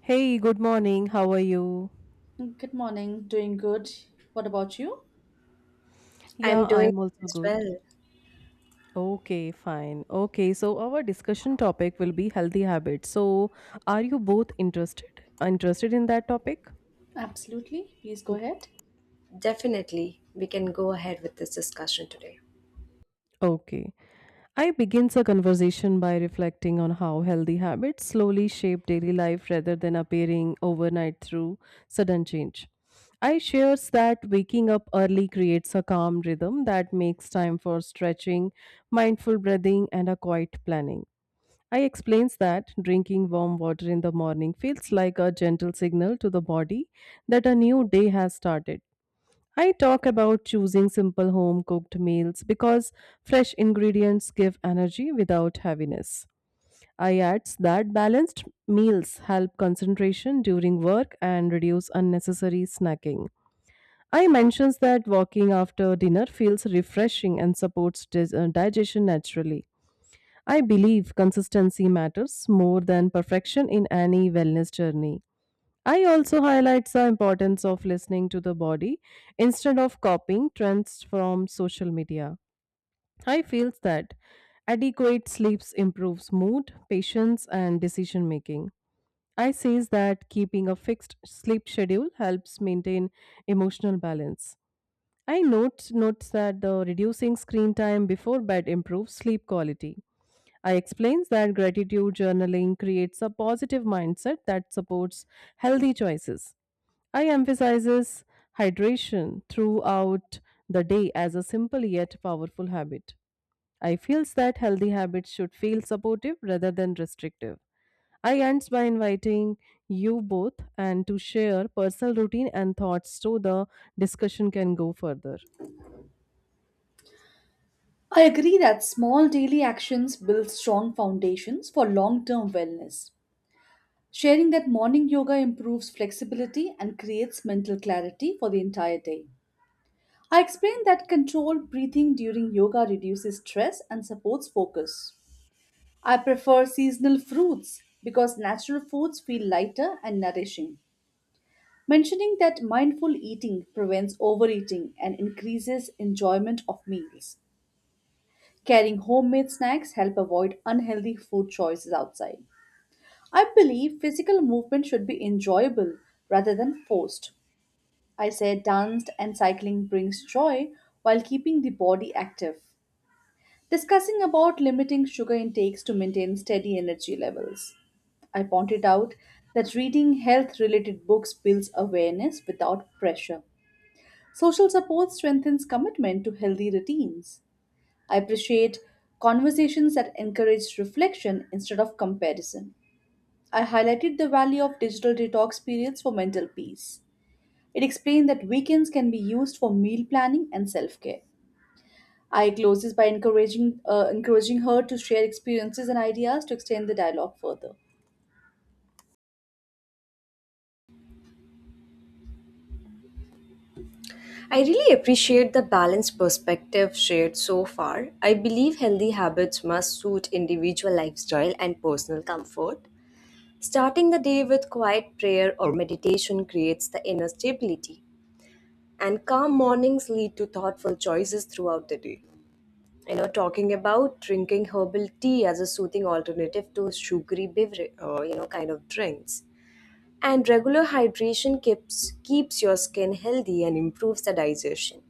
Hey, good morning. How are you? Good morning. Doing good. What about you? Yeah, I'm doing I'm also as good. well. Okay, fine. Okay, so our discussion topic will be healthy habits. So, are you both interested? Interested in that topic? Absolutely. Please go ahead. Definitely, we can go ahead with this discussion today. Okay. I begins a conversation by reflecting on how healthy habits slowly shape daily life rather than appearing overnight through sudden change. I shares that waking up early creates a calm rhythm that makes time for stretching, mindful breathing, and a quiet planning. I explains that drinking warm water in the morning feels like a gentle signal to the body that a new day has started. I talk about choosing simple home cooked meals because fresh ingredients give energy without heaviness. I adds that balanced meals help concentration during work and reduce unnecessary snacking. I mentions that walking after dinner feels refreshing and supports digestion naturally. I believe consistency matters more than perfection in any wellness journey. I also highlight the importance of listening to the body instead of copying trends from social media. I feel that adequate sleeps improves mood, patience and decision making. I says that keeping a fixed sleep schedule helps maintain emotional balance. I notes that the reducing screen time before bed improves sleep quality. I explains that gratitude journaling creates a positive mindset that supports healthy choices. I emphasizes hydration throughout the day as a simple yet powerful habit. I feels that healthy habits should feel supportive rather than restrictive. I ends by inviting you both and to share personal routine and thoughts so the discussion can go further. I agree that small daily actions build strong foundations for long term wellness. Sharing that morning yoga improves flexibility and creates mental clarity for the entire day. I explained that controlled breathing during yoga reduces stress and supports focus. I prefer seasonal fruits because natural foods feel lighter and nourishing. Mentioning that mindful eating prevents overeating and increases enjoyment of meals. Carrying homemade snacks help avoid unhealthy food choices outside. I believe physical movement should be enjoyable rather than forced. I say dance and cycling brings joy while keeping the body active. Discussing about limiting sugar intakes to maintain steady energy levels. I pointed out that reading health related books builds awareness without pressure. Social support strengthens commitment to healthy routines. I appreciate conversations that encourage reflection instead of comparison. I highlighted the value of digital detox periods for mental peace. It explained that weekends can be used for meal planning and self-care. I close this by encouraging her to share experiences and ideas to extend the dialogue further. I really appreciate the balanced perspective shared so far. I believe healthy habits must suit individual lifestyle and personal comfort. Starting the day with quiet prayer or meditation creates the inner stability, and calm mornings lead to thoughtful choices throughout the day. You know, talking about drinking herbal tea as a soothing alternative to sugary beverage, kind of drinks. And regular hydration keeps your skin healthy and improves the digestion.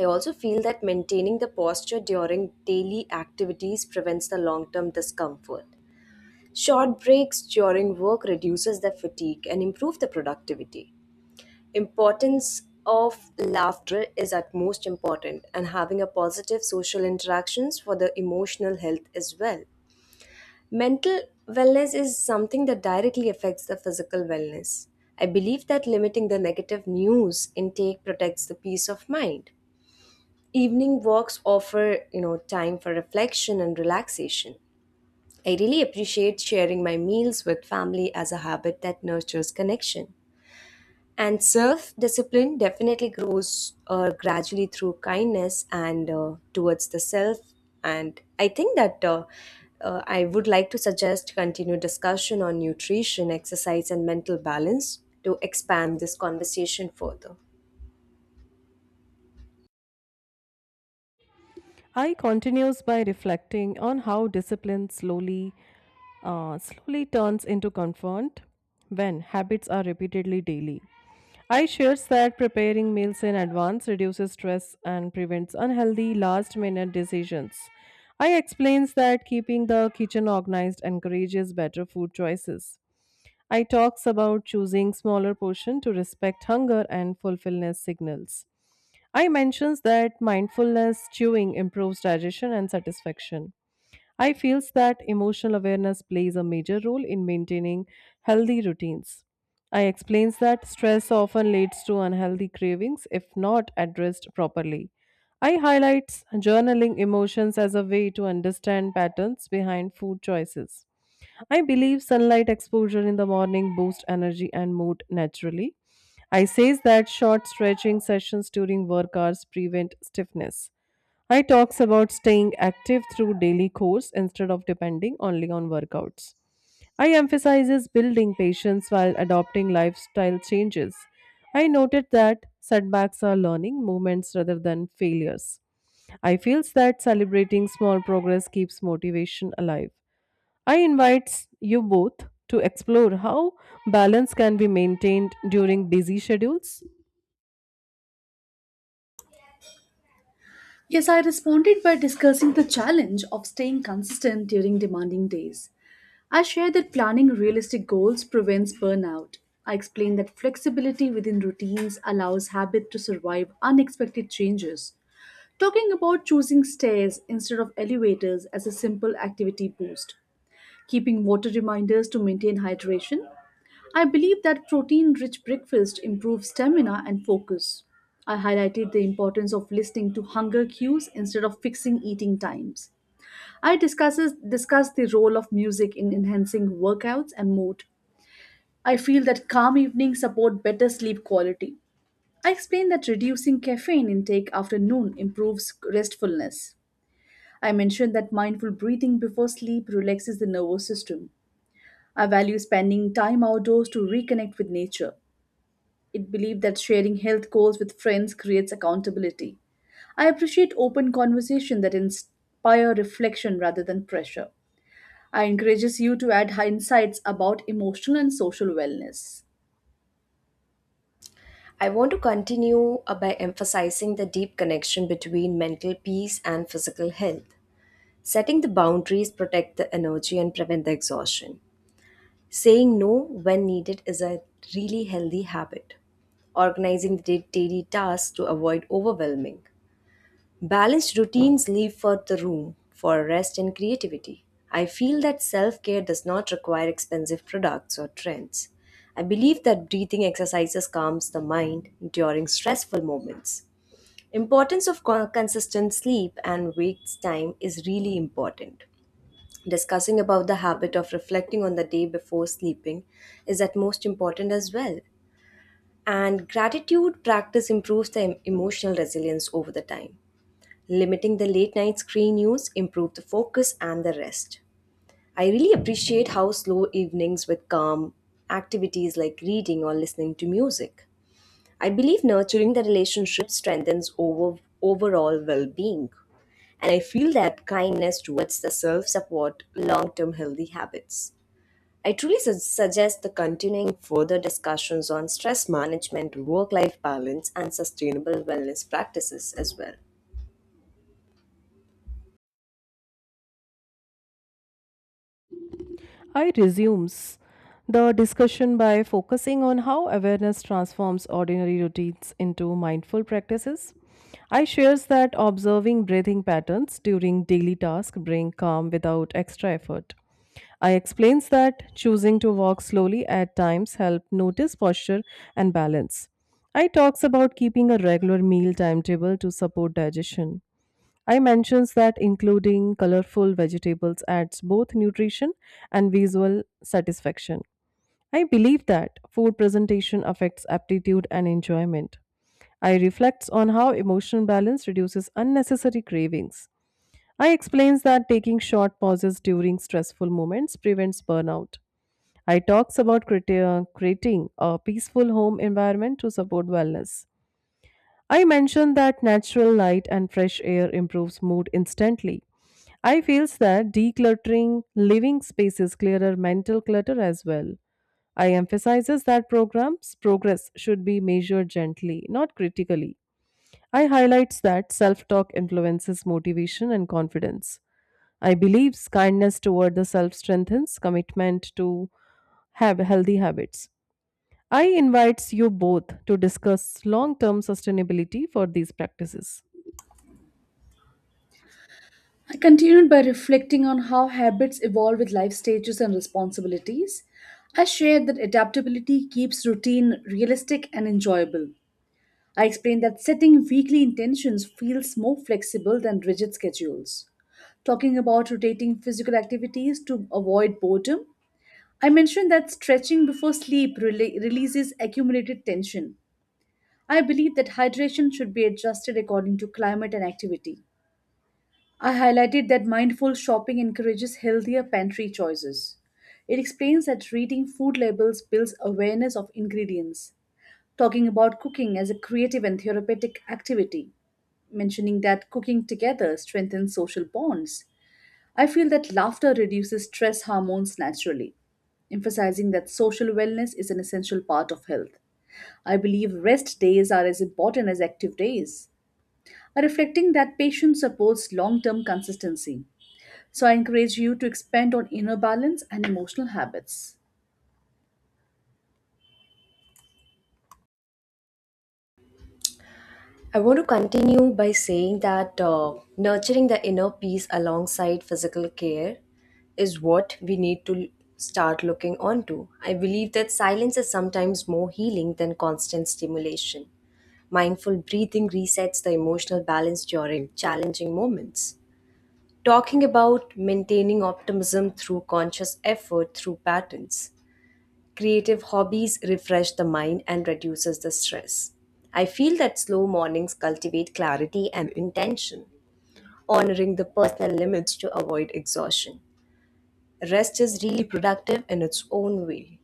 I also feel that maintaining the posture during daily activities prevents the long term discomfort. Short breaks during work reduces the fatigue and improve the productivity. Importance of laughter is at most important and having a positive social interactions for the emotional health as well. Mental wellness is something that directly affects the physical wellness. I believe that limiting the negative news intake protects the peace of mind. Evening walks offer, you know, time for reflection and relaxation. I really appreciate sharing my meals with family as a habit that nurtures connection. And self discipline definitely grows gradually through kindness and towards the self. And I think that I would like to suggest continued discussion on nutrition, exercise, and mental balance to expand this conversation further. I continues by reflecting on how discipline slowly turns into comfort when habits are repeatedly daily. I shares that preparing meals in advance reduces stress and prevents unhealthy last minute decisions. I explains that keeping the kitchen organized encourages better food choices. I talks about choosing smaller portion to respect hunger and fulfillment signals. I mentions that mindfulness chewing improves digestion and satisfaction. I feels that emotional awareness plays a major role in maintaining healthy routines. I explains that stress often leads to unhealthy cravings if not addressed properly. I highlights journaling emotions as a way to understand patterns behind food choices. I believe sunlight exposure in the morning boosts energy and mood naturally. I says that short stretching sessions during work hours prevent stiffness. I talks about staying active through daily course instead of depending only on workouts. I emphasizes building patience while adopting lifestyle changes. I noted that setbacks are learning moments rather than failures. I feels that celebrating small progress keeps motivation alive. I invites you both to explore how balance can be maintained during busy schedules. Yes, I responded by discussing the challenge of staying consistent during demanding days. I shared that planning realistic goals prevents burnout. I explained that flexibility within routines allows habit to survive unexpected changes. Talking about choosing stairs instead of elevators as a simple activity boost, keeping water reminders to maintain hydration, I believe that protein rich breakfast improves stamina and focus. I highlighted the importance of listening to hunger cues instead of fixing eating times. Discussed the role of music in enhancing workouts and mood. I feel that calm evenings support better sleep quality. I explained that reducing caffeine intake after noon improves restfulness. I mentioned that mindful breathing before sleep relaxes the nervous system. I value spending time outdoors to reconnect with nature. It believed that sharing health goals with friends creates accountability. I appreciate open conversation that inspire reflection rather than pressure. I encourages you to add insights about emotional and social wellness. I want to continue by emphasizing the deep connection between mental peace and physical health. Setting the boundaries protect the energy and prevent the exhaustion. Saying no when needed is a really healthy habit. Organizing the daily tasks to avoid overwhelming. Balanced routines leave for the room for rest and creativity. I feel that self care does not require expensive products or trends. I believe that breathing exercises calms the mind during stressful moments. Importance of consistent sleep and wake time is really important. Discussing about the habit of reflecting on the day before sleeping is at most important as well. And gratitude practice improves the emotional resilience over the time. Limiting the late night screen use improves the focus and the rest. I really appreciate how slow evenings with calm activities like reading or listening to music. I believe nurturing the relationship strengthens overall well-being, and I feel that kindness towards the self support long-term healthy habits. I truly suggest the continuing further discussions on stress management, work life balance, and sustainable wellness practices as well. I resumes the discussion by focusing on how awareness transforms ordinary routines into mindful practices. I shares that observing breathing patterns during daily tasks bring calm without extra effort. I explains that choosing to walk slowly at times help notice posture and balance. I talks about keeping a regular meal timetable to support digestion. I mentions that including colorful vegetables adds both nutrition and visual satisfaction. I believe that food presentation affects aptitude and enjoyment. I reflects on how emotional balance reduces unnecessary cravings. I explains that taking short pauses during stressful moments prevents burnout. I talks about creating a peaceful home environment to support wellness. I mentioned that natural light and fresh air improves mood instantly. I feels that decluttering living spaces clearer mental clutter as well. I emphasizes that programs progress should be measured gently, not critically. I highlights that self-talk influences motivation and confidence. I believes kindness toward the self strengthens commitment to have healthy habits. I invites you both to discuss long-term sustainability for these practices. I continued by reflecting on how habits evolve with life stages and responsibilities. I shared that adaptability keeps routine realistic and enjoyable. I explained that setting weekly intentions feels more flexible than rigid schedules. Talking about rotating physical activities to avoid boredom, I mentioned that stretching before sleep releases accumulated tension. I believe that hydration should be adjusted according to climate and activity. I highlighted that mindful shopping encourages healthier pantry choices. It explains that reading food labels builds awareness of ingredients, talking about cooking as a creative and therapeutic activity, mentioning that cooking together strengthens social bonds. I feel that laughter reduces stress hormones naturally, emphasizing that social wellness is an essential part of health. I believe rest days are as important as active days, reflecting that patience supports long term consistency. So I encourage you to expand on inner balance and emotional habits. I want to continue by saying that nurturing the inner peace alongside physical care is what we need to start looking onto. I believe that silence is sometimes more healing than constant stimulation. Mindful breathing resets the emotional balance during challenging moments. Talking about maintaining optimism through conscious effort through patterns. Creative hobbies refresh the mind and reduces the stress. I feel that slow mornings cultivate clarity and intention. Honoring the personal limits to avoid exhaustion. Rest is really productive in its own way.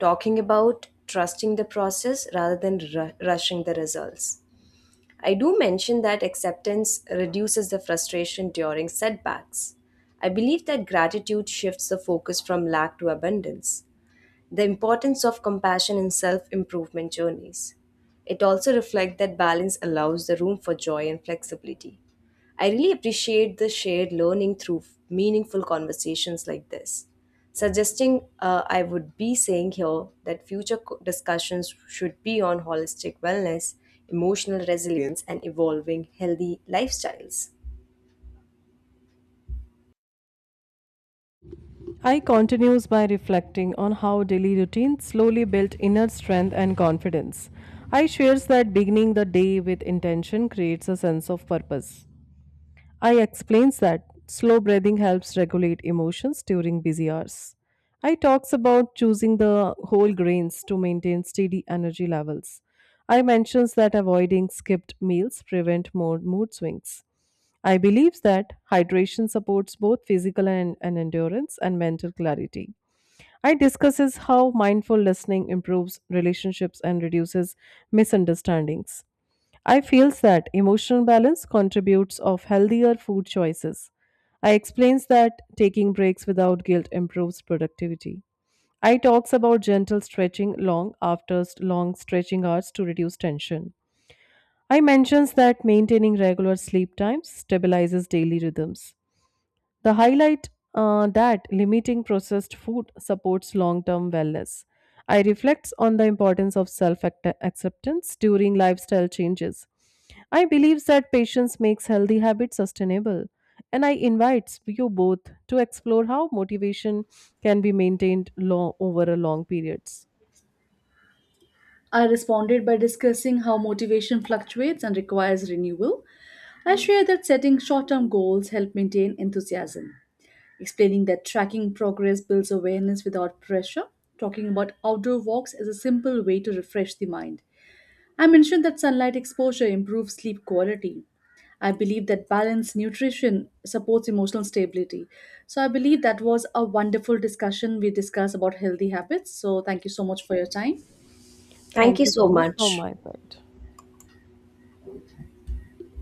Talking about trusting the process rather than rushing the results. I do mention that acceptance reduces the frustration during setbacks. I believe that gratitude shifts the focus from lack to abundance. The importance of compassion in self-improvement journeys. It also reflects that balance allows the room for joy and flexibility. I really appreciate the shared learning through meaningful conversations like this. Suggesting I would be saying here that future discussions should be on holistic wellness, emotional resilience, and evolving healthy lifestyles. I continues by reflecting on how daily routine slowly built inner strength and confidence. I shares that beginning the day with intention creates a sense of purpose. I explains that slow breathing helps regulate emotions during busy hours. I talks about choosing the whole grains to maintain steady energy levels. I mentions that avoiding skipped meals prevent more mood swings. I believes that hydration supports both physical and endurance and mental clarity. I discusses how mindful listening improves relationships and reduces misunderstandings. I feels that emotional balance contributes of healthier food choices. I explains that taking breaks without guilt improves productivity. I talks about gentle stretching long stretching hours to reduce tension. I mentions that maintaining regular sleep times stabilizes daily rhythms. The highlight That limiting processed food supports long term wellness. I reflects on the importance of self acceptance during lifestyle changes. I believes that patience makes healthy habits sustainable, and I invites you both to explore how motivation can be maintained over a long periods. I responded by discussing how motivation fluctuates and requires renewal. I share that setting short term goals help maintain enthusiasm, explaining that tracking progress builds awareness without pressure, talking about outdoor walks as a simple way to refresh the mind. I mentioned that sunlight exposure improves sleep quality. I believe that balanced nutrition supports emotional stability. So I believe that was a wonderful discussion. We discussed about healthy habits. So thank you so much for your time. Thank Thank you you so so much from much. my side.